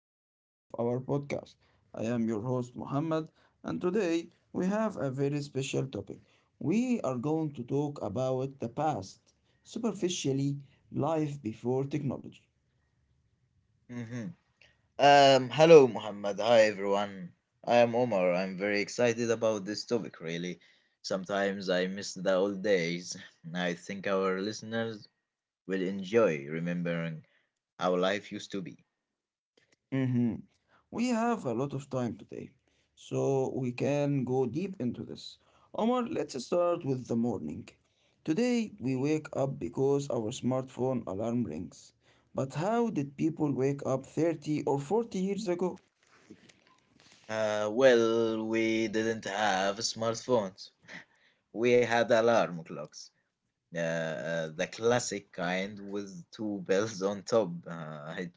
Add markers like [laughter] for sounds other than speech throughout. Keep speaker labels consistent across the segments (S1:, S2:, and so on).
S1: episode of our podcast. I am your host, Muhammad, and today we have a very special topic. We are going to talk about the past, superficially, life before technology.
S2: Mhm. Hello, Muhammad. Hi, everyone. I am Omar. I'm very excited about this topic, really. Sometimes I miss the old days. [laughs] I think our listeners will enjoy remembering how life used to be.
S1: We have a lot of time today, so we can go deep into this. Omar, let's start with the morning. Today, we wake up because our smartphone alarm rings. But how did people wake up 30 or 40 years ago?
S2: Well, we didn't have smartphones. We had alarm clocks. The classic kind with two [laughs] bells on top.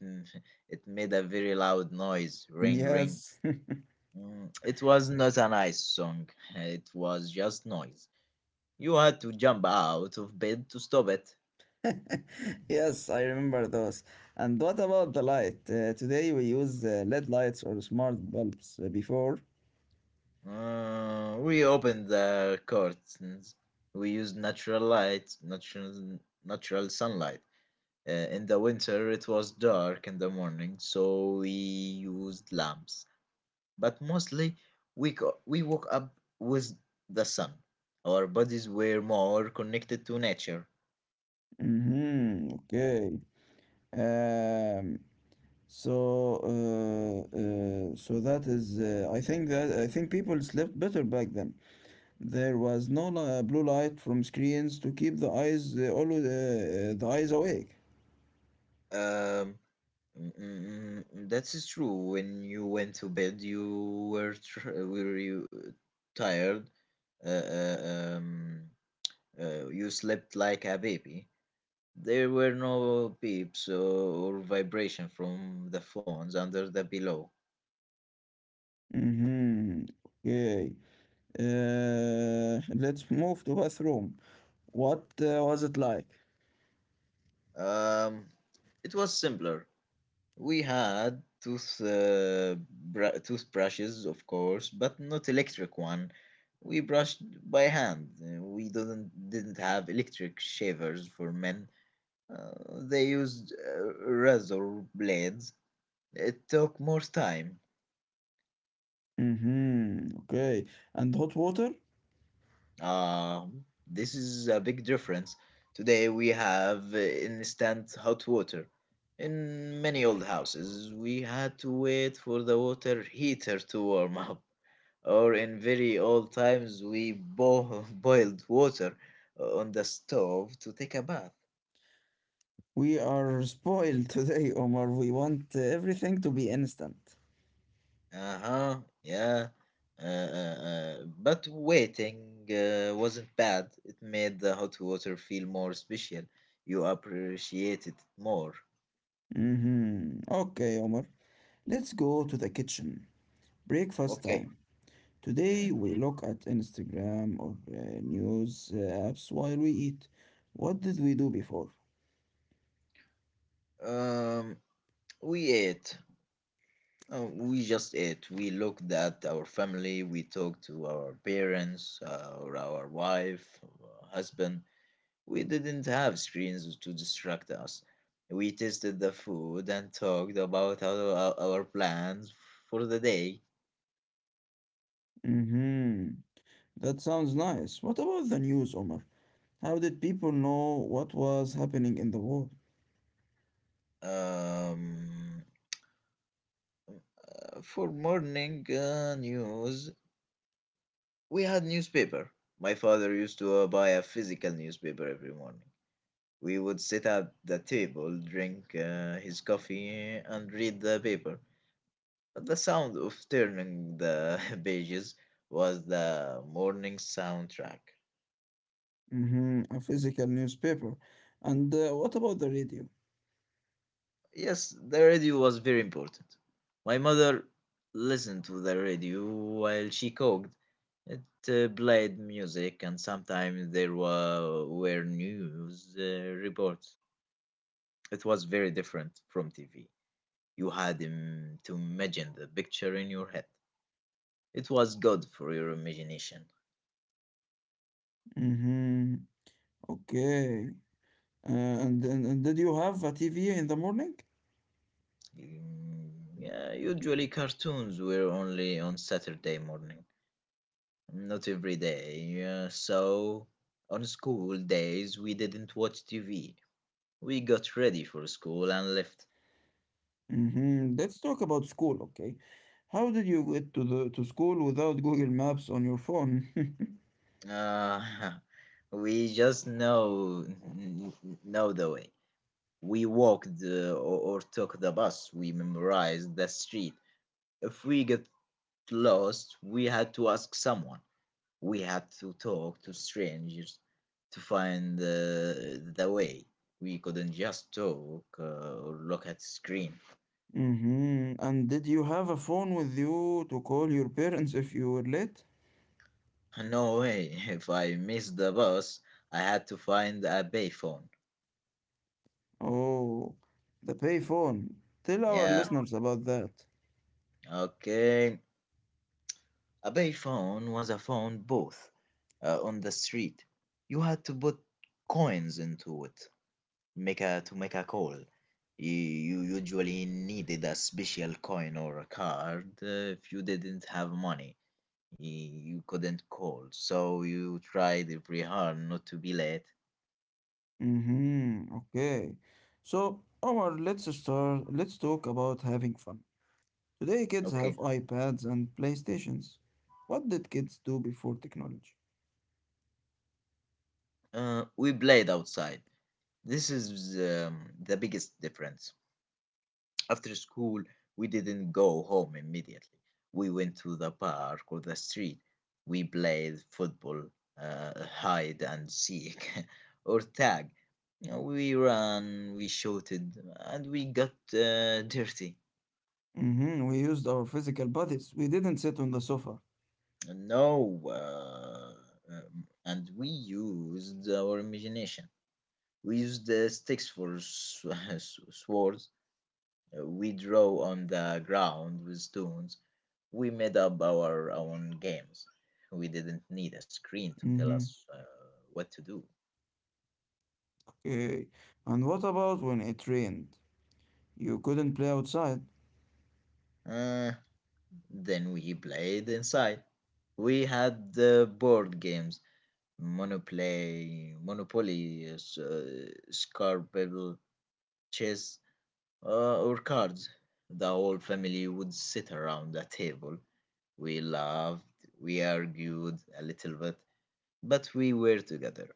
S2: It made a very loud noise. Ring, ring.
S1: Yes,
S2: It was not a nice song. It was just noise. You had to jump out of bed to stop it.
S1: [laughs] yes, I remember those. And what about the light? Today we use LED lights or smart bulbs. Before.
S2: We opened the curtains. We used natural light, natural sunlight. In the winter, it was dark in the morning, so we used lamps. But mostly, we woke up with the sun. Our bodies were more connected to nature.
S1: Hmm, okay. Um, so I think people slept better back then. There was no blue light from screens to keep the eyes always the eyes awake.
S2: Um, That is true. When you went to bed, were you tired. Uh, uh, um, you slept like a baby. There were no beeps or vibration from the phones under the pillow.
S1: Mm-hmm. Okay. [laughs] Let's move to bathroom. What was it like?
S2: Um, it was simpler. We had toothbrushes, of course, but not electric one. We brushed by hand. We didn't have electric shavers for men. Uh, they used razor blades. It took more time.
S1: Mm-hmm. Okay. And hot water?
S2: Um, this is a big difference. Today we have instant hot water. In many old houses, we had to wait for the water heater to warm up. Or in very old times, [laughs] boiled water on the stove to take a bath.
S1: We are spoiled today, [laughs] Omar. We want everything to be instant.
S2: Uh huh, yeah. But waiting wasn't bad. It made the hot water feel more special. You appreciate it more.
S1: Mm-hmm. Okay, Omar. Let's go to the kitchen. Breakfast
S2: Okay.
S1: time.
S2: Mm.
S1: Today we look at Instagram or news apps while we eat. What did we do before?
S2: Um, we ate. We just ate. We looked at our family. We talked to our parents, or our wife, or husband. We didn't have screens to distract us. We tasted the food and talked about our plans for the day.
S1: Mm-hmm. That sounds nice. What about the news, Omar? How did people know what was happening in the world?
S2: Um, for morning news, we had newspaper. My father used to buy a physical newspaper every morning. We would sit at the table, drink his coffee, and read the paper. The sound of turning the [laughs] pages was the morning soundtrack.
S1: Mm-hmm. A physical newspaper. And what about the radio?
S2: Yes, the radio was very important. My mother listened to the radio while she cooked. It played music, and sometimes there were news reports. It was very different from TV. You had to imagine the picture in your head. It was good for your imagination.
S1: Mm-hmm. Okay. And did you have a TV in the morning?
S2: Mm, yeah, usually cartoons were only on Saturday morning, not every day. Yeah, so on school days we didn't watch TV. We got ready for school and left.
S1: Mhm. Let's talk about school, okay? How did you get to the to school without Google Maps on your phone? [laughs]
S2: Uh, [laughs] we just know the way. We walked or took the bus. We memorized the street. If we got lost, we had to ask someone. We had to talk to strangers to find the way. We couldn't just talk or look at screen.
S1: Mhm. And did you have a phone with you to call your parents if you were late?
S2: No way. [laughs] If I missed the bus, I had to find a payphone.
S1: Oh, the pay phone. Tell our
S2: Yeah,
S1: listeners about that.
S2: okay. A payphone was a phone booth on the street. You had to put coins into it make a to make a call. You usually needed a special coin or a card if you didn't have money. You couldn't call, so you tried very hard not to be late.
S1: Mm-hmm. Okay. So, Omar, let's start. Let's talk about having fun. Today, kids have
S2: Okay,
S1: iPads and PlayStations. What did kids do before technology?
S2: we played outside. This is the biggest difference. After school, we didn't go home immediately. We went to the park or the street. We played football, uh, hide and seek, [laughs] or tag. You know, we ran, we shouted, and we got dirty.
S1: Hmm. We used our physical bodies. We didn't sit on the sofa.
S2: No, and we used our imagination. We used the sticks for [laughs] swords. We draw on the ground with stones. We made up our own games. We didn't need a screen to tell
S1: Hmm.
S2: us what to do.
S1: Okay. And what about when it rained? You couldn't play outside.
S2: Uh, then we played inside. We had the board games, Monopoly, Scrabble, chess, or cards. The whole family would sit around a table. We laughed, we argued a little bit, but we were together.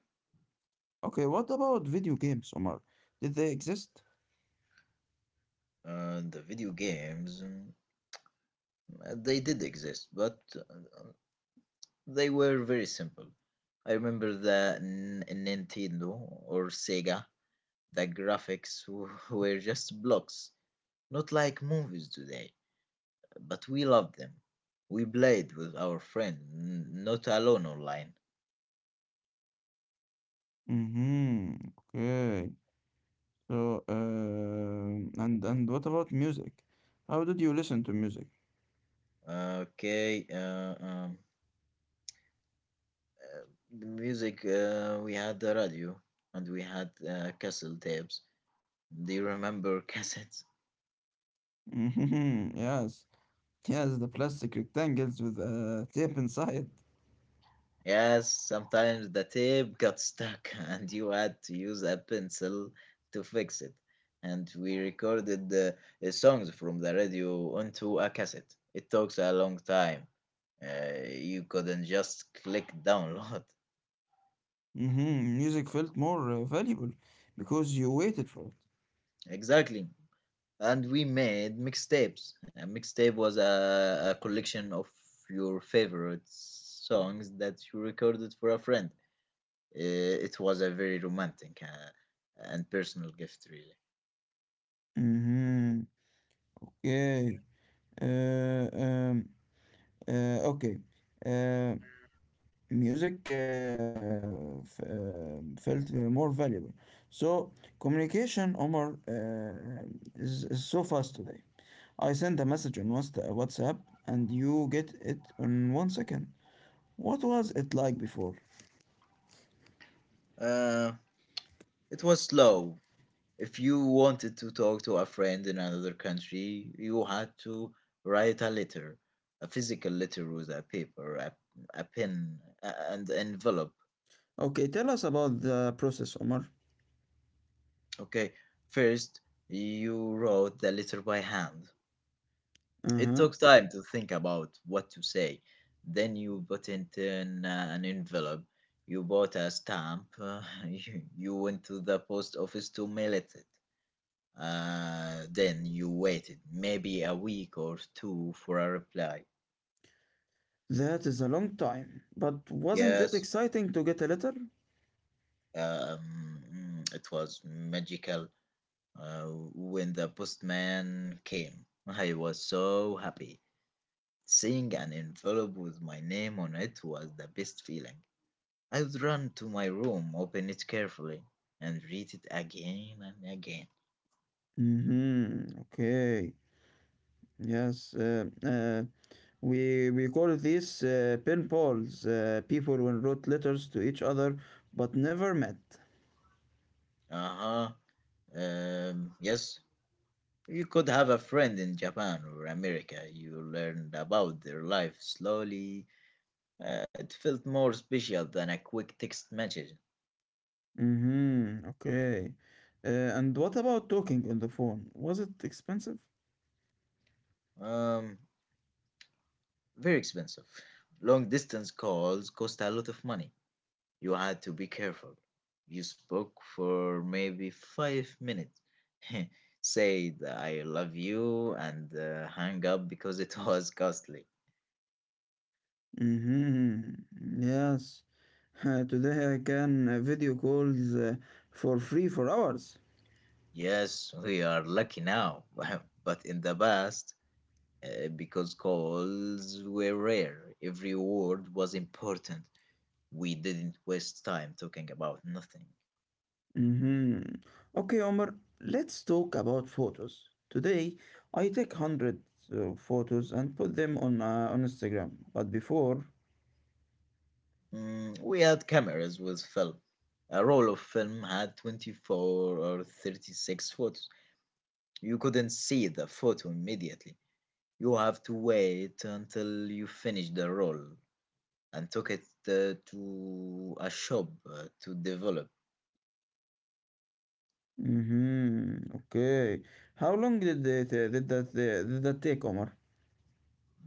S1: Okay, what about video games, Omar? Did they exist?
S2: And the video games, they did exist, but they were very simple. I remember the Nintendo or Sega. The graphics [laughs] were just blocks, not like movies today, but we loved them. We played with our friends, not alone online.
S1: Hmm. Okay. So, and what about music? How did you listen to music?
S2: Okay. uh, the music, we had the radio and we had cassette tapes. Do you remember [laughs] cassettes?
S1: [laughs] Yes, yes, the plastic rectangles with tape inside.
S2: Yes, sometimes the tape got stuck [laughs] and you had to use a pencil to fix it. And we recorded the songs from the radio onto a cassette. It takes a long time. You couldn't just click download. [laughs]
S1: Hmm. Music felt more valuable because you waited for it.
S2: Exactly. And we made mixtapes. A mixtape was a collection of your favorite songs that you recorded for a friend. It was a very romantic and personal gift, really.
S1: Hmm. Okay. Uh, um, okay. Uh, music f- uh, felt more valuable. So communication, Omar, is so fast today. I send a message on WhatsApp and you get it in 1 second. What was it like before?
S2: Uh, it was slow. If you wanted to talk to a friend in another country, you had to write a letter, a physical letter with a paper, a pen, and envelope.
S1: Okay, tell us about the process, Omar.
S2: Okay, first you wrote the letter by hand.
S1: Uh
S2: It
S1: huh.
S2: took time to think about what to say. Then you put it in an envelope. You bought a stamp. [laughs] You went to the post office to mail it. Then you waited maybe a week or two for a reply.
S1: That is a long time. But wasn't it
S2: Yes,
S1: exciting to get a letter?
S2: um, it was magical uh, when the postman came. I was so happy. Seeing an envelope with my name on it was the best feeling. I'd run to my room, open it carefully, and read it again and again.
S1: Mm hmm. Okay. Yes. We call these pen pals. People who wrote letters to each other but never met.
S2: Uh huh. Yes. You could have a friend in Japan or America. You learned about their life slowly. It felt more special than a quick text message.
S1: Mm hmm. Okay. And what about talking on the phone? Was it expensive?
S2: Um, Very expensive. Long distance calls cost a lot of money. You had to be careful. You spoke for maybe 5 minutes, [laughs] said I love you, and hung up because it [laughs] was costly.
S1: Mhm. Yes. [laughs] Today I can video calls for free for hours.
S2: Yes, we are lucky now, [laughs] but in the past, because calls were rare, every word was important. We didn't waste time talking about nothing.
S1: Mhm. Okay, Omar, let's talk about photos. Today I take hundreds of photos and put them on Instagram. But before,
S2: Mm, we had cameras with film. A roll of film had 24 or 36 photos. You couldn't see the photo immediately. You have to wait until you finish the roll and took it to a shop to develop.
S1: mhm. Okay. How long did they ta- Did that take, Omar?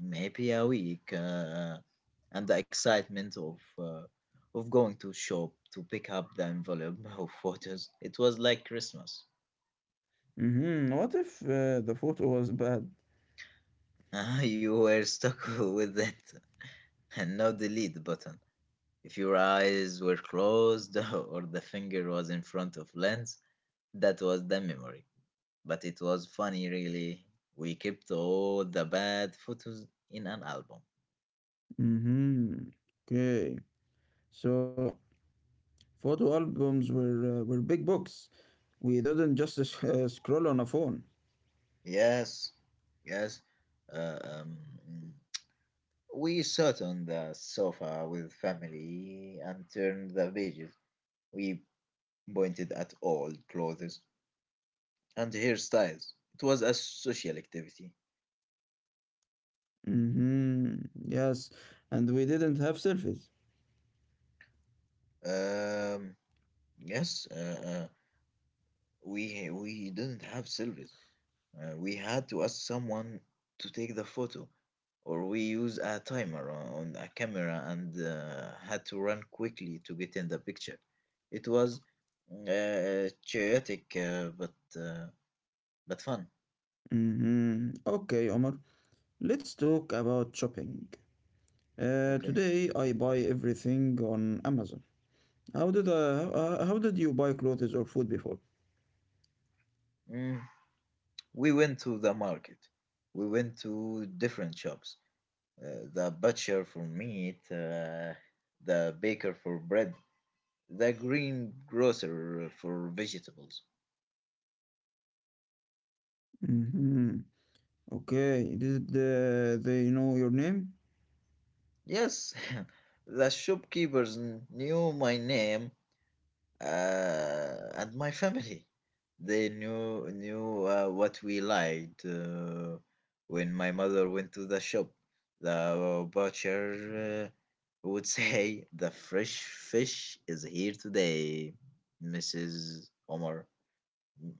S2: Maybe a week, and the excitement of going to shop to pick up the envelope [laughs] of photos. It was like Christmas.
S1: Mhm. What if the photo was bad?
S2: [laughs] You were stuck [laughs] with it, and no delete button. If your eyes were closed [laughs] or the finger was in front of lens, that was the memory. But it was funny, really. We kept all the bad photos in an album.
S1: Mhm. Okay. So photo albums were big books. We didn't just [laughs] scroll on a phone.
S2: Yes, yes. Uh, um, we sat on the sofa with family and turned the pages. We pointed at old clothes and hairstyles. It was a social activity.
S1: Hmm. Yes, and we didn't have selfies.
S2: Um, yes, we didn't have silvers. We had to ask someone to take the photo, or we use a timer on a camera and had to run quickly to get in the picture. It was chaotic, uh, but fun.
S1: Hmm. Okay, Omar. Let's talk about shopping. Uh,
S2: Okay.
S1: today I buy everything on Amazon. How did you buy clothes or food before?
S2: Mm, we went to the market. We went to different shops. The butcher for meat, the baker for bread, the green grocer for vegetables.
S1: Hmm. Okay. Did they know your name?
S2: Yes, [laughs] knew my name and my family. They knew what we liked when my mother went to the shop. The butcher would [laughs] say, "The fresh fish is here today, Mrs. Omar." Mm,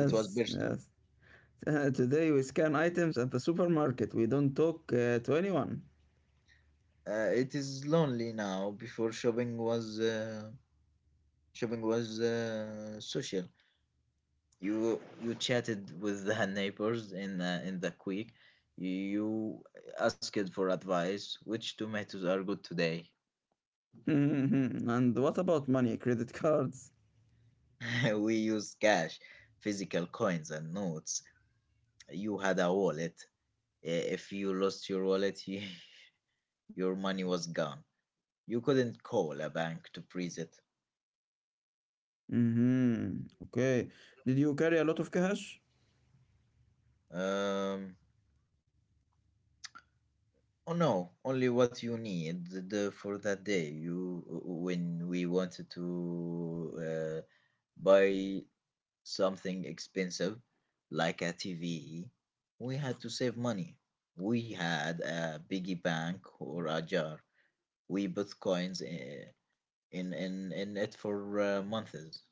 S2: it was personal.
S1: yes. [laughs] Today we scan items at the supermarket. We don't talk to anyone.
S2: It is lonely now. Before shopping was social. You chatted with the [laughs] neighbors in the quick. You asked for advice which tomatoes are good today.
S1: [laughs] And what about money? Credit cards?
S2: [laughs] We use cash, physical coins and notes. You had a wallet. If you lost your wallet, [laughs] your money was gone. You couldn't call a bank to freeze it.
S1: Mm-hmm. Okay. Did you carry a lot of cash?
S2: um oh no, only what you need for that day. You When we wanted to buy something expensive like a TV, we had to save money. We had a piggy bank or a jar. We put coins I- in it for months.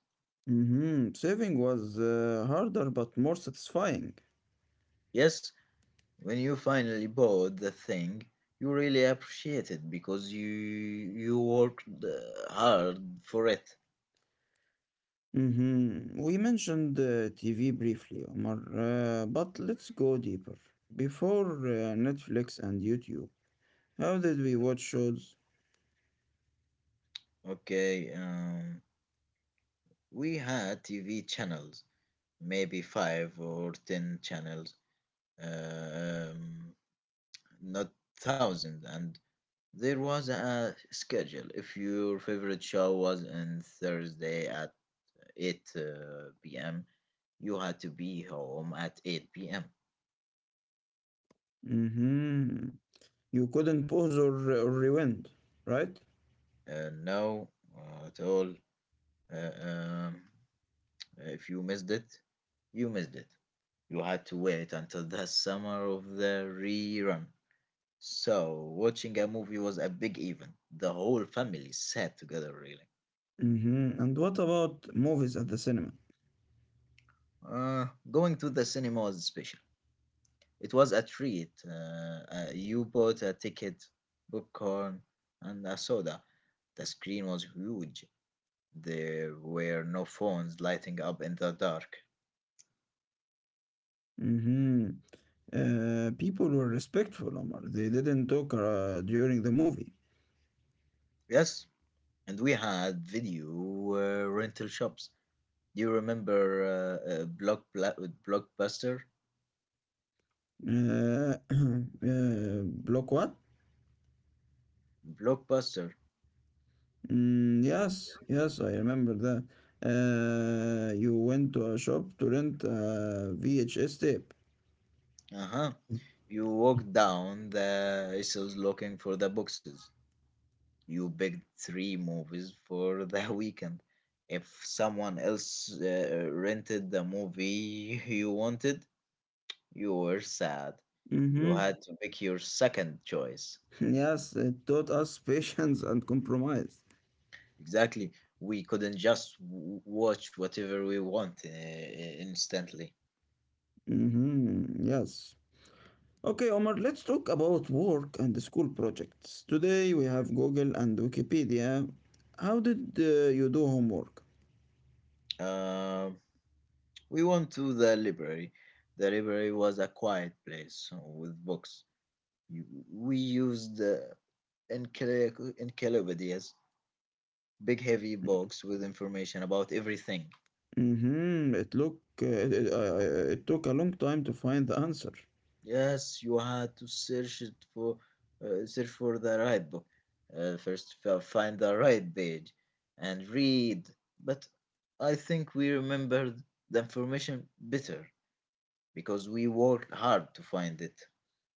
S1: Mm-hmm. Saving was harder but more satisfying.
S2: Yes, when you finally bought the thing, you really appreciate it because you worked hard for it.
S1: Mhm. We mentioned TV briefly, Omar, but let's go deeper. Before Netflix and YouTube, how did we watch shows?
S2: Okay, we had TV channels, maybe five or ten channels. Um, Not thousands. And there was a schedule. If your favorite show was on Thursday at 8 p.m., you had to be home at 8 p.m.
S1: Hmm. You couldn't pause or rewind, right?
S2: No, at all. Uh, um, if you missed it, you missed it. You had to wait until the summer of the rerun. So, watching a movie was a big event. The whole family sat together, really.
S1: Hmm. And what about movies at the cinema?
S2: Going to the cinema was special. It was a treat. You bought a ticket, popcorn, and a soda. The screen was huge. There were no phones lighting up in the dark.
S1: Hmm. People were respectful, Omar. They didn't talk during the movie.
S2: Yes, and we had video rental shops. Do you remember uh, uh, Block Bla- Blockbuster?
S1: Uh, [clears throat] uh, block what?
S2: Blockbuster.
S1: Mm, yes, yes, I remember that. You went to a shop to rent a VHS tape.
S2: Uh huh. You walked down the aisles looking for the boxes. You picked three movies for the [laughs] weekend. If someone else rented the movie [laughs] you wanted, you were sad. You
S1: Mm-hmm. [laughs]
S2: had to pick your second choice.
S1: Yes, it taught us [laughs] patience and compromise.
S2: Exactly. We couldn't just watch whatever we want instantly.
S1: Mm-hmm. Yes. Okay, Omar, let's talk about work and the school projects. Today we have Google and Wikipedia. How did you do homework?
S2: Um we went to the library. The library was a quiet place with books. We used encyclopedias, big heavy box with information about everything.
S1: Mm-hmm. It look it, it, I- it took a long time to find the answer.
S2: Yes, you had to search for the right book. First, find the right page and read. But I think we remembered the information better because we worked hard to find it.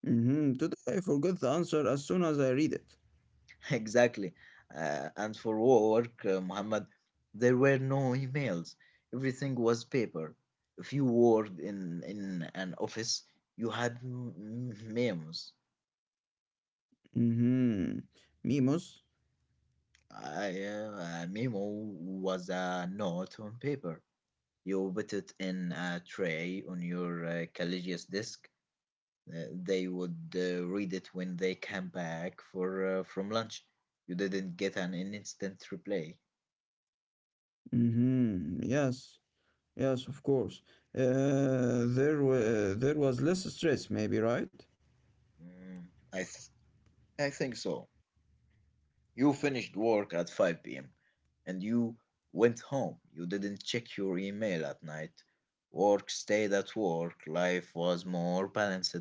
S1: Mm-hmm. Today I forgot the answer as soon as I read it.
S2: [laughs] Exactly. And for work, Muhammad, there were no emails. Everything was paper. If you worked in an office, you had memos.
S1: Mm-hmm. Mimos.
S2: A memo was a note on paper. You put it in a tray on your collegius desk. They would read it when they came back for from lunch. You didn't get an instant replay.
S1: Mm-hmm. Yes. Yes, of course. There was less stress, maybe, right?
S2: Mm, I, th- I think so. You finished work at 5 p.m. and you went home. You didn't check your email at night. Work stayed at work. Life was more balanced.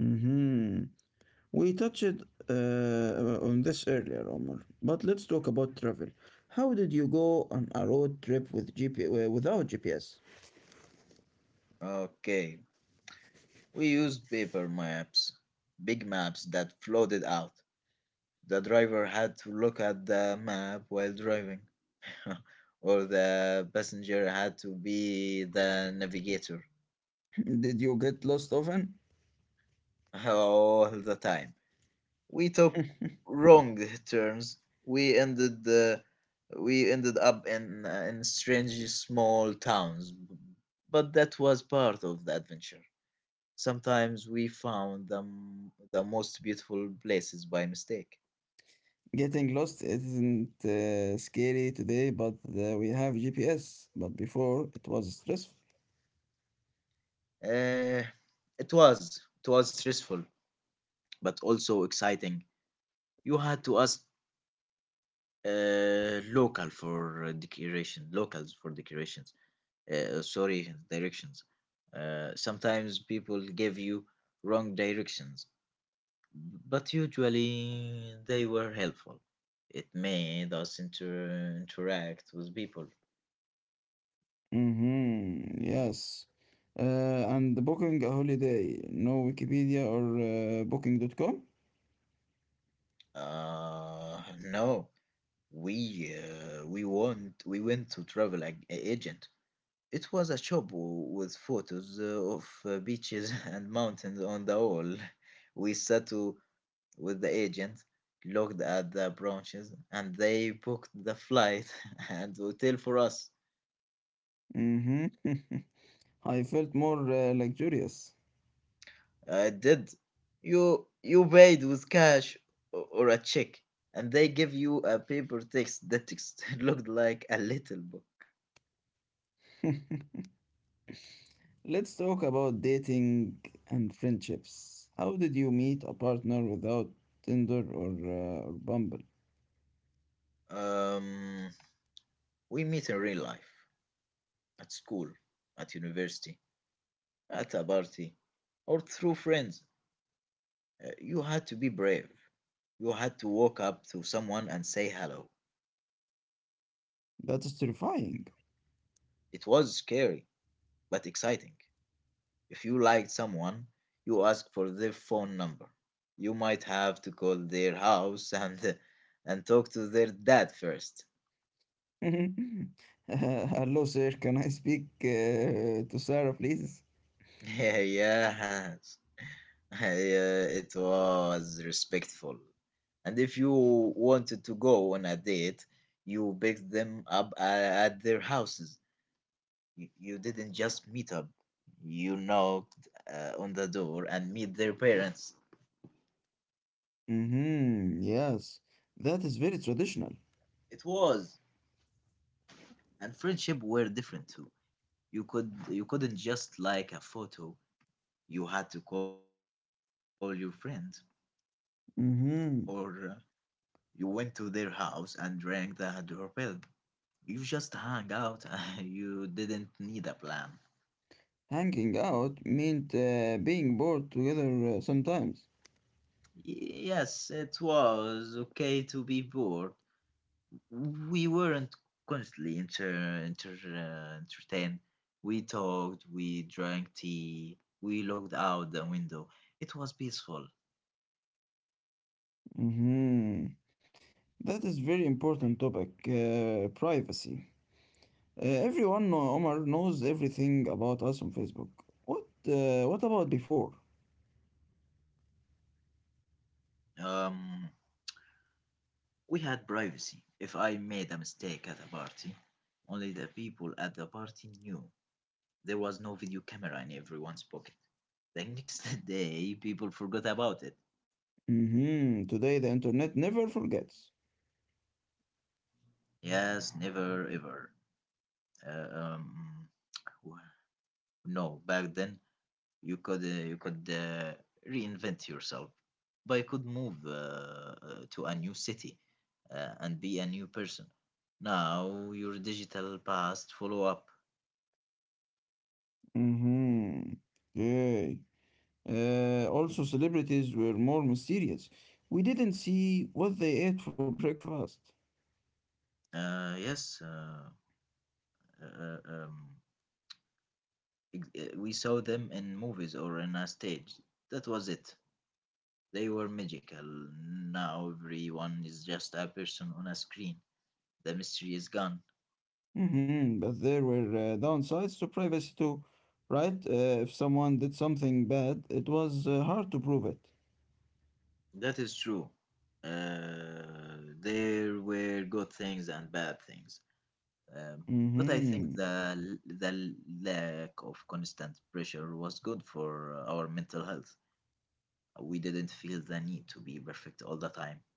S1: Mm-hmm. We touched on this earlier, Omar, but let's talk about travel. How did you go on a road trip with GP uh, without GPS?
S2: Okay. We used paper maps, big maps that floated out. The driver had to look at the map while driving, [laughs] or the passenger had to be the navigator
S1: [laughs] Did you get lost often?
S2: [laughs] all the time. We took wrong turns. We ended the we ended up in strange small towns, but that was part of the adventure. Sometimes we found the most beautiful places by mistake.
S1: Getting lost isn't scary today, but we have GPS. But before, it was stressful.
S2: Uh, it was stressful, but also exciting. You had to ask locals for decorations, sorry directions. Uh, sometimes people give you wrong directions, but usually they were helpful. It made us interact with people.
S1: Mm-hmm. Yes. Uh, and booking a holiday, no Wikipedia or booking.com.
S2: No, we went to travel agent. It was a shop with photos of beaches [laughs] and mountains on the wall. We sat to With the agent, looked at the branches, and they booked the flight [laughs] and hotel for us.
S1: Mm-hmm. [laughs] I felt more luxurious.
S2: I did. You paid with cash or a check, and they give you a paper text. The text [laughs] looked like a little book.
S1: Let's talk about dating and friendships. How did you meet a partner without Tinder or Bumble?
S2: Um, we meet in real life, at school, at university, at a party, or through friends. You had to be brave. You had to walk up to someone and say hello.
S1: That is terrifying.
S2: It was scary, but exciting. If you liked someone, you ask for their phone number. You might have to call their house [laughs] and talk to their dad first. [laughs]
S1: [laughs] Hello, sir. Can I speak to Sarah, please?
S2: Yeah, yes. [laughs] Yeah, it was respectful. And if you wanted to go on a date, you picked them up at their houses. You didn't just meet up. You knocked on the door and meet their parents.
S1: Mm-hmm. Yes, that is very traditional.
S2: It was, and friendship were different too. You couldn't just like a photo. You had to call your friend, or
S1: Mm-hmm.
S2: you went to their house and rang the doorbell. You just hung out. [laughs] You didn't need a plan.
S1: Hanging out meant being bored together sometimes.
S2: Yes, it was okay to be bored. We weren't constantly inter, inter entertained. We talked. We drank tea. We looked out the window. It was peaceful.
S1: Mhm. That is very important topic, privacy. Everyone, Omar, knows everything about us on Facebook. What about before?
S2: Um, We had privacy. If I made a mistake at a party, only the people at the party knew. There was no video camera in everyone's pocket. The next [laughs] day, people forgot about it.
S1: Mhm. Today, the internet never forgets.
S2: Yes, never ever. Uh, um, w- no, back then you could reinvent yourself. But you could move to a new city and be a new person. Now your digital past follow up.
S1: Mhm. Yay. Also, celebrities were more mysterious. We didn't see what they ate for [laughs] breakfast.
S2: Uh, yes, uh, uh, uh, um, we saw them in movies or in a stage. That was it. They were magical. Now everyone is just a person on a screen. The mystery is gone.
S1: Hmm. But there were downsides to privacy too, right? If someone did something bad, it was hard to prove it.
S2: That is true. There were good things and bad things. Um, but I think
S1: Mm-hmm.
S2: the lack of constant pressure was good for our mental health. We didn't feel the need to be perfect all the time.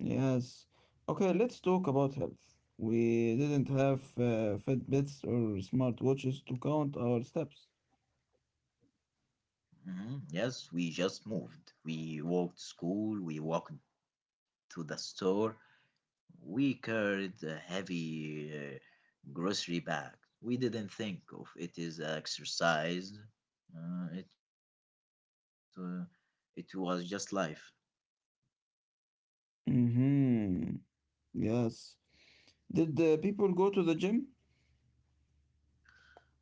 S1: Yes. Okay, let's talk about health. We didn't have Fitbits or smartwatches to count our steps.
S2: Mhm. Yes, we just moved. We walked to school, we walked to the store, we carried a heavy grocery bag. We didn't think of it as exercise. Uh, it, uh, it was just life.
S1: Mm-hmm. Yes. Did people go to the gym?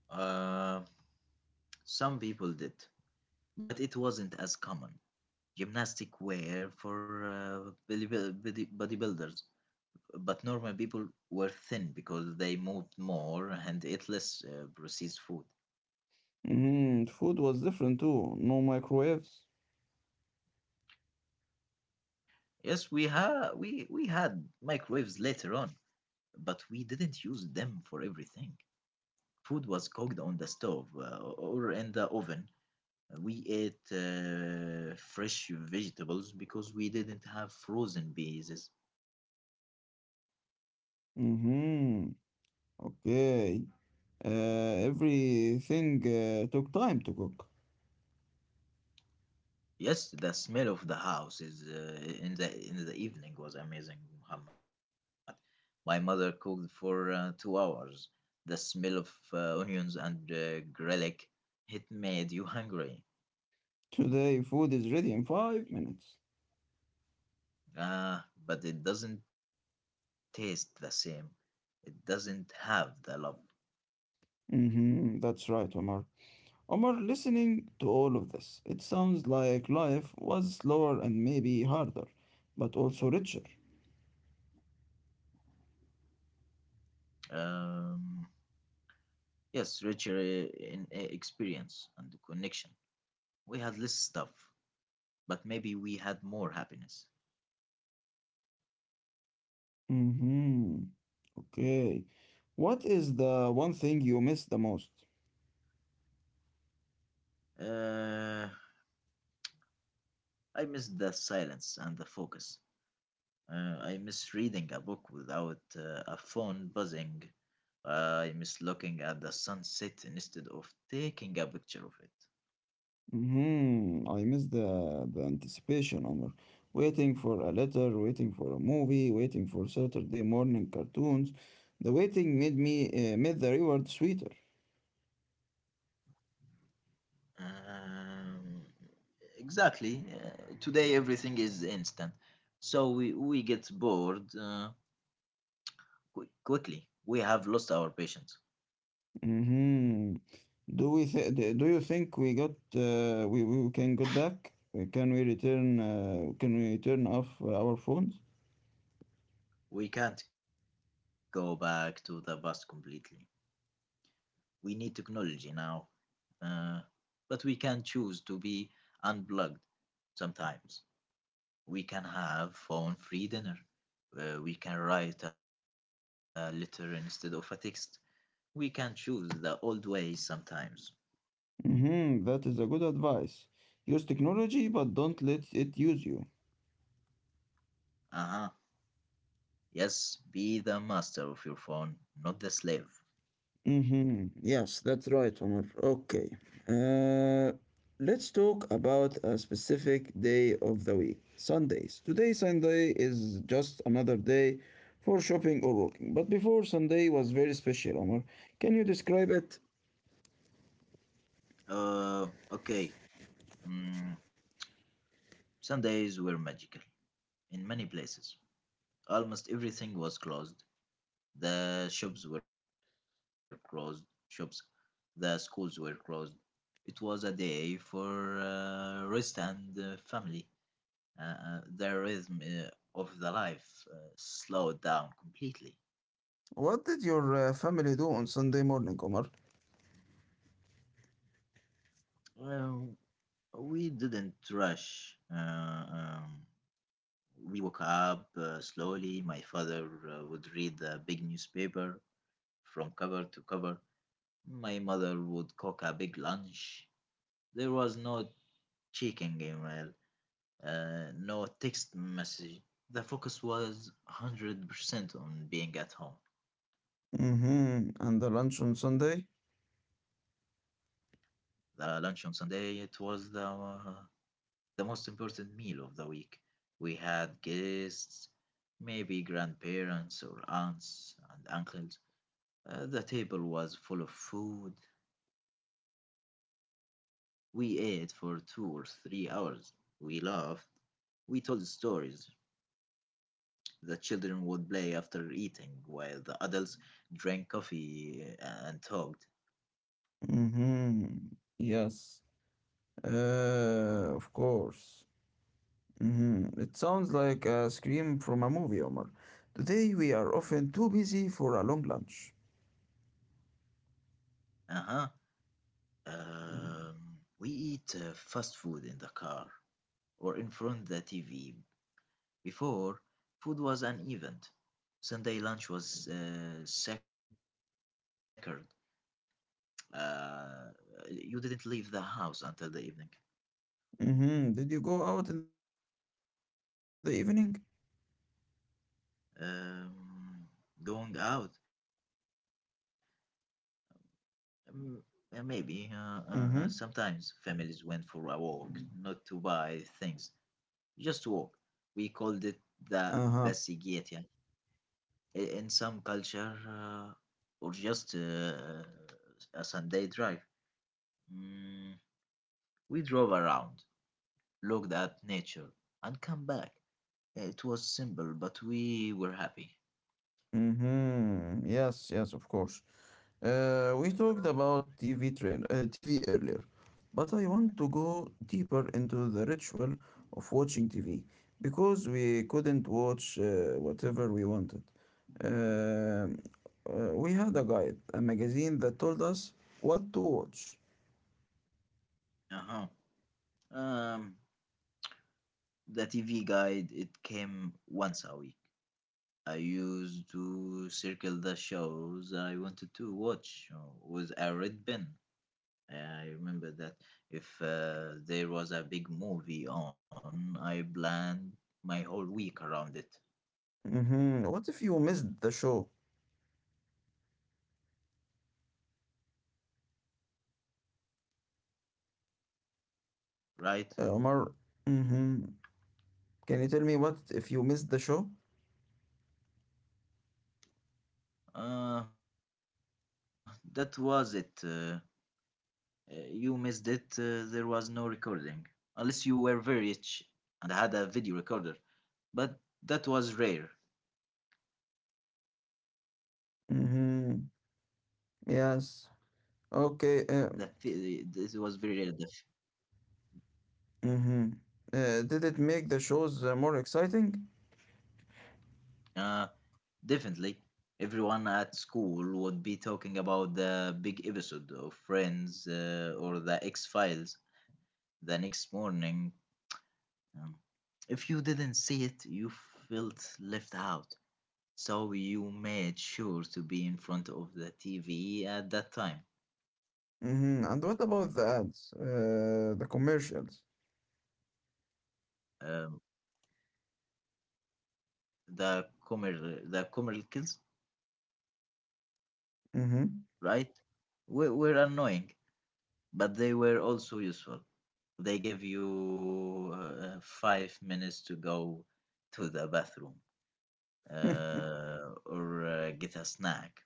S2: Uh, some people did, but it wasn't as common. Gymnastic wear for bodybuilders, but normal people were thin because they moved more and ate less processed food.
S1: Mm-hmm. Food was different too. No microwaves.
S2: Yes, we ha we had microwaves later on, but we didn't use them for everything. Food was cooked on the stove or in the oven. We ate fresh vegetables because we didn't have frozen peas.
S1: Mm-hmm. Okay. Everything took time to cook.
S2: Yes, the smell of the house is in the evening was amazing, Muhammad. My mother cooked for 2 hours. The smell of onions and garlic, it made [laughs] you hungry.
S1: Today, food is ready in 5 minutes.
S2: Ah, but it doesn't taste the same. It doesn't have the love.
S1: Hmm, that's right, Omar. Omar, listening to all of this, it sounds like life was slower and maybe harder, but also richer.
S2: Um, yes, richer in experience and connection. We had less stuff, but maybe we had more happiness.
S1: Hmm, okay. What is the one thing you miss the most?
S2: Uh, I miss the silence and the focus. I miss reading a book without a phone buzzing. I miss looking at the sunset instead of taking a picture of it.
S1: Hmm, I miss the anticipation, Omar. Waiting for a letter, waiting for a movie, waiting for Saturday morning cartoons. The waiting made the reward sweeter.
S2: Um, exactly. Today everything is instant, so we get bored quickly. We have lost our patience.
S1: Hmm. Do you think we got we can get back? Can we return? Can we turn off our phones?
S2: We can't go back to the past completely. We need technology now. Uh, but we can choose to be unplugged sometimes. We can have phone free dinner. We can write a letter instead of a text. We can choose the old ways sometimes.
S1: Hmm. That is a good advice. Use technology, but don't let it use you.
S2: Uh huh. Yes, be the master of your phone, not the slave.
S1: Mm-hmm. Yes, that's right, Omar. Okay. Uh, let's talk about a specific day of the week, Sundays. Today, Sunday is just another day for shopping or working. But before, Sunday was very special, Omar. Can you describe it?
S2: Okay. Mm, Sundays were magical in many places. Almost everything was closed. The shops were closed. Shops, the schools were closed. It was a day for rest and family. The rhythm of the life slowed down completely.
S1: What did your family do on Sunday morning, Omar?
S2: Well, we didn't rush. We woke up slowly. My father would read the big newspaper from cover to cover. My mother would cook a big lunch. There was no checking email, no text message. The focus was 100% on being at home.
S1: Mm-hmm. And the lunch on Sunday?
S2: The lunch on Sunday, it was the most important meal of the week. We had guests, maybe grandparents or aunts and uncles. The table was full of food. We ate for 2 or 3 hours. We laughed. We told stories. The children would play after eating, while the adults drank coffee and talked.
S1: Mm-hmm. Yes. Of course. Mhm. It sounds like a scream from a movie, Omar. Today we are often too busy for a long lunch.
S2: Uh-huh. Um, we eat fast food in the car or in front of the TV. Before, food was an event. Sunday lunch was sacred. Uh, you didn't leave the house until the evening.
S1: Hmm. Did you go out in the evening?
S2: Um, going out Um, maybe
S1: Mm-hmm.
S2: Sometimes families went for a walk, not to buy things, just to walk. We called it the
S1: Uh-huh.
S2: basigiyet. Yeah. In some culture, or just a Sunday drive. Mm, we drove around, looked at nature, and come back. It was simple, but we were happy.
S1: Mm-hmm. Yes, yes, of course. We talked about TV earlier, but I want to go deeper into the ritual of watching TV because we couldn't watch whatever we wanted. Um, we had a guide, a magazine that told us what to watch.
S2: Uh huh. Um, the TV guide it came once a week. I used to circle the shows I wanted to watch with a red pen. I remember that if there was a big movie on, I planned my whole week around it,
S1: Mm-hmm. What if you missed the show,
S2: right?
S1: Omar? Mm-hmm. Can you tell me what if you missed the show?
S2: Uh, that was it. You missed it. There was no recording. Unless you were very rich and had a video recorder. But that was rare.
S1: Mm-hmm. Yes.
S2: This was
S1: Okay.
S2: very rare.
S1: Mm-hmm. Did it make the shows more exciting?
S2: The, Definitely, everyone at school would be talking about the big episode of Friends or the X Files the next morning. Um, if you didn't see it, you felt left out. So you made sure to be in front of the TV at that time.
S1: Mm-hmm. And what about the ads, the commercials?
S2: Um, the Comer, the commercials,
S1: Mm-hmm.
S2: right? Were annoying, but they were also useful. They give you 5 minutes to go to the bathroom or get a snack.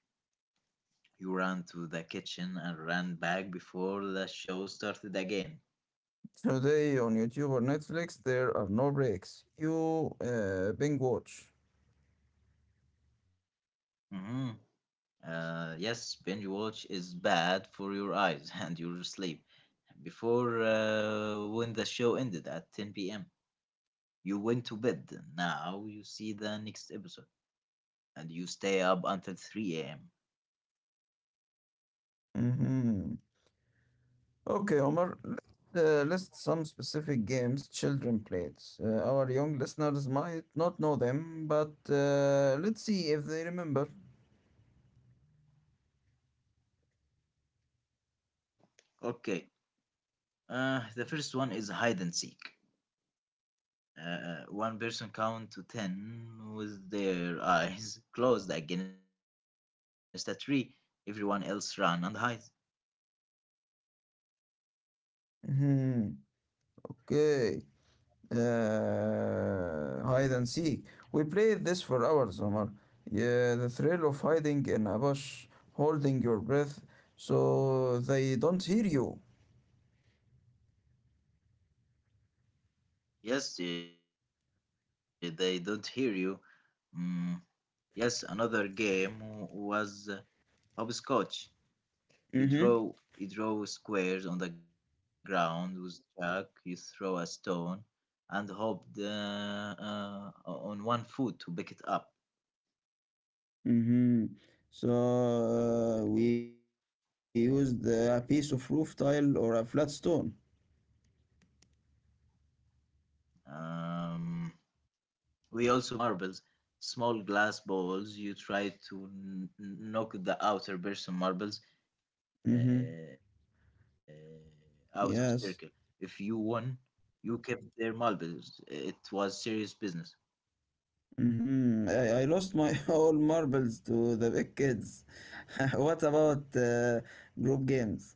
S2: You ran to the kitchen and ran back before the show started again.
S1: Today on YouTube or Netflix, there are no breaks. You binge watch.
S2: hmm yes, binge watch is bad for your eyes [laughs] and your sleep. Before, when the show ended at 10 p.m., you went to bed. Now you see the next episode and you stay up until 3 a.m.
S1: Mm-hmm. Okay, Omar. Let's list some specific games children played. Our young listeners might not know them, but let's see if they remember.
S2: Hmm. Okay. The first one is hide and seek. One person count to ten with their eyes [laughs] closed against a tree. Everyone else run and hide.
S1: Mhm. Okay. Hide and seek. We played this for hours, Omar. Yeah, the thrill of hiding in a bush, holding your breath so they don't hear you.
S2: Yes, they don't hear you. Mm, yes, another game was hopscotch. You draw
S1: Mm-hmm.
S2: squares on the ground with chalk. You throw a stone and hope the, on one foot to pick it up.
S1: Mm-hmm. So, we used a piece of roof tile or a flat stone.
S2: Um, we also played marbles, small glass balls. You try to knock the outer person marbles
S1: Mm-hmm.
S2: out of circle. If you
S1: Yes.
S2: won, you kept their marbles. It was serious business.
S1: Mm-hmm. I lost my [laughs] all marbles to the big kids. [laughs] What about group games?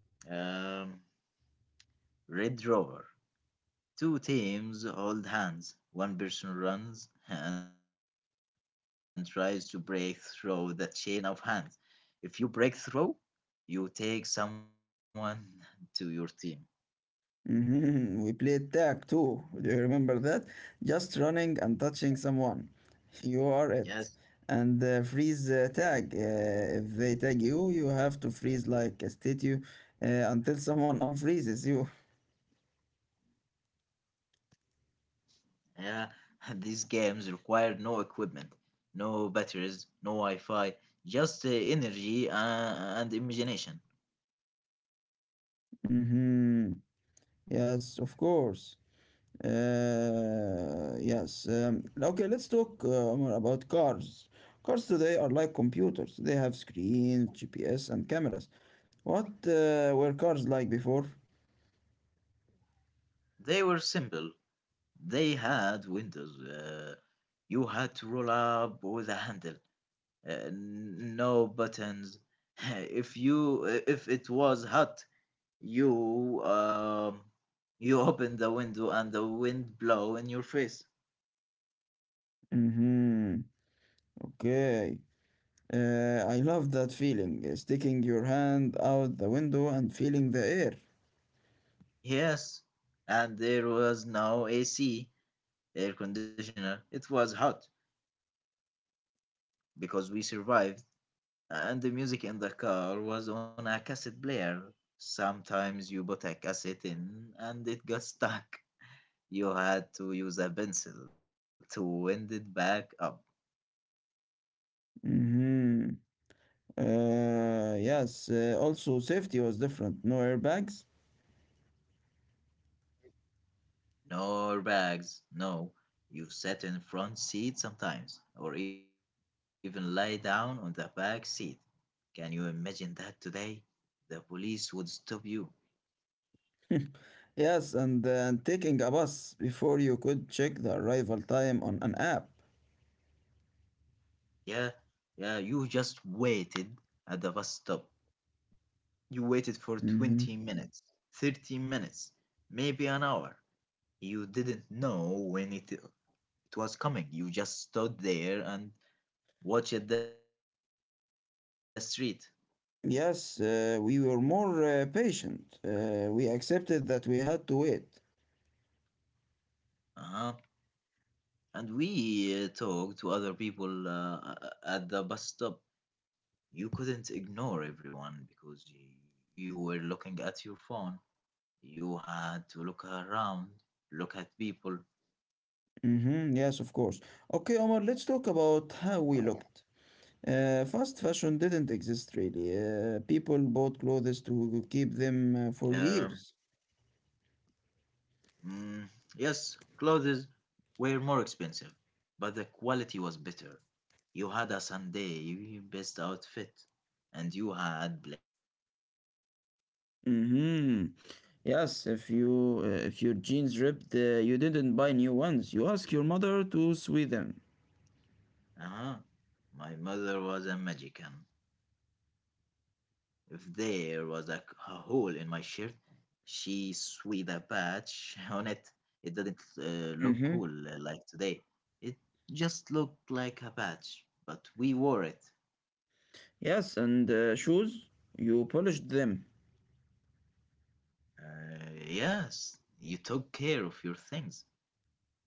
S2: Um, Red Rover. Two teams hold hands. One person runs and tries to break through the chain of hands. If you break through, you take someone [laughs] to your team.
S1: Mm-hmm. We played tag too. Do you remember that? Just running and touching someone.
S2: Yes,
S1: You are it. And freeze tag. If they tag you, you have to freeze like a statue until someone unfreezes you.
S2: yeah. [laughs] These games require no equipment, no batteries, no Wi Fi, just energy and imagination.
S1: Mm-hmm. Yes, of course. Yes. Okay, let's talk more about cars. Cars today are like computers. They have screens, GPS, and cameras. What were cars like before?
S2: They were simple. They had windows. You had to roll up with a handle. No buttons. [laughs] If you if it was hot, you um you [laughs] opened the window and the wind blow in your face.
S1: Mm-hmm. Okay. I love that feeling, sticking your hand out the window and feeling the air.
S2: Yes, and there was no AC air conditioner. It was hot because we survived, and the music in the car was on a cassette player. Sometimes you put a cassette in and it got stuck. You had to use a pencil to wind it back up.
S1: Mm-hmm. Yes. Also, safety was different. No airbags.
S2: No bags, no. You sat in front seat sometimes, or even lay down on the back seat. Can you imagine that today? The police would stop you.
S1: [laughs] Yes, and taking a bus before you could check the arrival time on an app.
S2: Yeah, yeah, you just waited at the bus stop. You waited for
S1: Mhm.
S2: 20 minutes, 30 minutes, maybe an hour. You didn't know when it was coming. You just stood there and watched the street.
S1: Yes, we were more patient. We accepted that we had to wait.
S2: Uh-huh. And we talked to other people at the bus stop. You couldn't ignore everyone because you were looking at your phone. You had to look around, look at people.
S1: Mhm. Yes, of course. Okay, Omar, let's talk about how we looked. Fast fashion didn't exist really. People bought clothes to
S2: Um,
S1: keep them for years.
S2: Mm, yes, clothes were more expensive, but the quality was better. You had a Sunday best outfit, and you had black clothes.
S1: Hmm. Yes, if your jeans ripped, you didn't buy new ones. You ask your mother to sew them.
S2: Uh huh. My mother was a magician. If there was a hole in my shirt, she sewed a patch [laughs] on it. It didn't
S1: Mm-hmm.
S2: look cool like today. It just looked like a patch, but we wore it.
S1: Yes, and shoes, you polished them.
S2: Uh, yes, you took care of your things.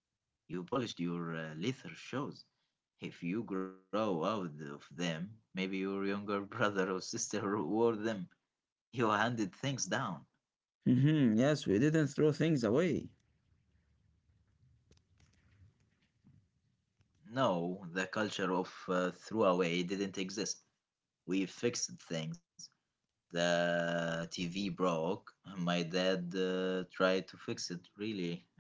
S2: You polished your leather shoes. If you grow out of them, maybe your younger [laughs] brother or sister wore them. You handed things down.
S1: Mm-hmm. Yes, we didn't throw things away.
S2: No, the culture of throwaway didn't exist. We fixed things. The TV broke. My dad tried to fix it, really.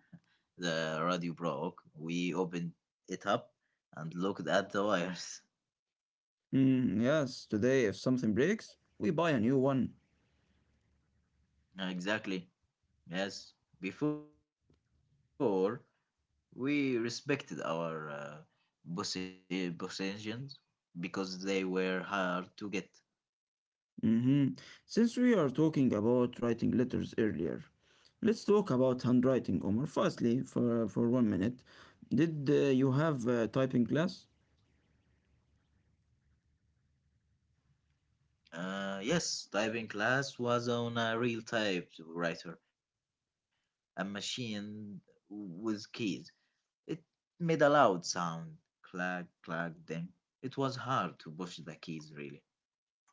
S2: The radio broke. We opened it up and looked at the wires. [laughs]
S1: Mm, yes, today if something breaks, we buy a new one.
S2: Exactly. Yes. Before, we respected our positions because they were hard to get.
S1: Mm-hmm. Since we are talking about writing letters earlier, let's talk about handwriting, Omar. Firstly, for 1 minute. Did you have typing class?
S2: Yes, typing class was on a real typewriter, a machine with keys. It made a loud sound clack, clack, ding. It was hard to push the keys, really.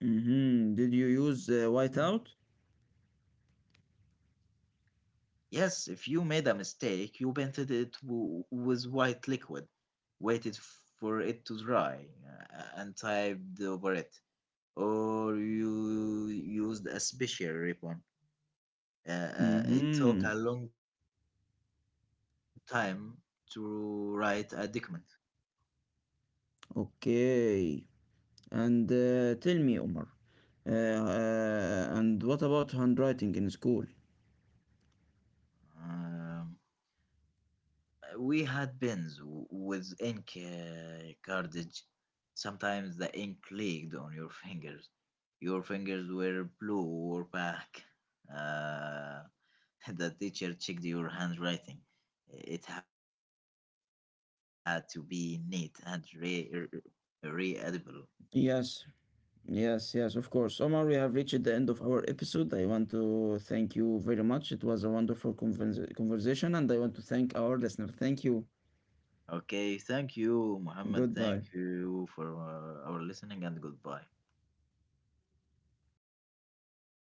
S1: Mm-hmm. Did you use whiteout?
S2: Yes, if you made a mistake, you painted it with white liquid, waited for it to dry, and typed over it. Or you used a special ribbon. It took
S1: Mm-hmm.
S2: a long time to write a document.
S1: Okay. And tell me, Omar. And what about handwriting in school?
S2: Um, we had pens with ink cartridge. Sometimes the ink leaked on your fingers. Your fingers were blue or black. Uh, [laughs] the teacher checked your handwriting. It had to be neat and readable.
S1: Yes, yes, yes, of course. Omar, we have reached the end of our episode. I want to thank you very much. It was a wonderful conversation, and I want to thank our listener. Thank you.
S2: Okay, thank you, Muhammad.
S1: Goodbye.
S2: Thank you for our listening and goodbye.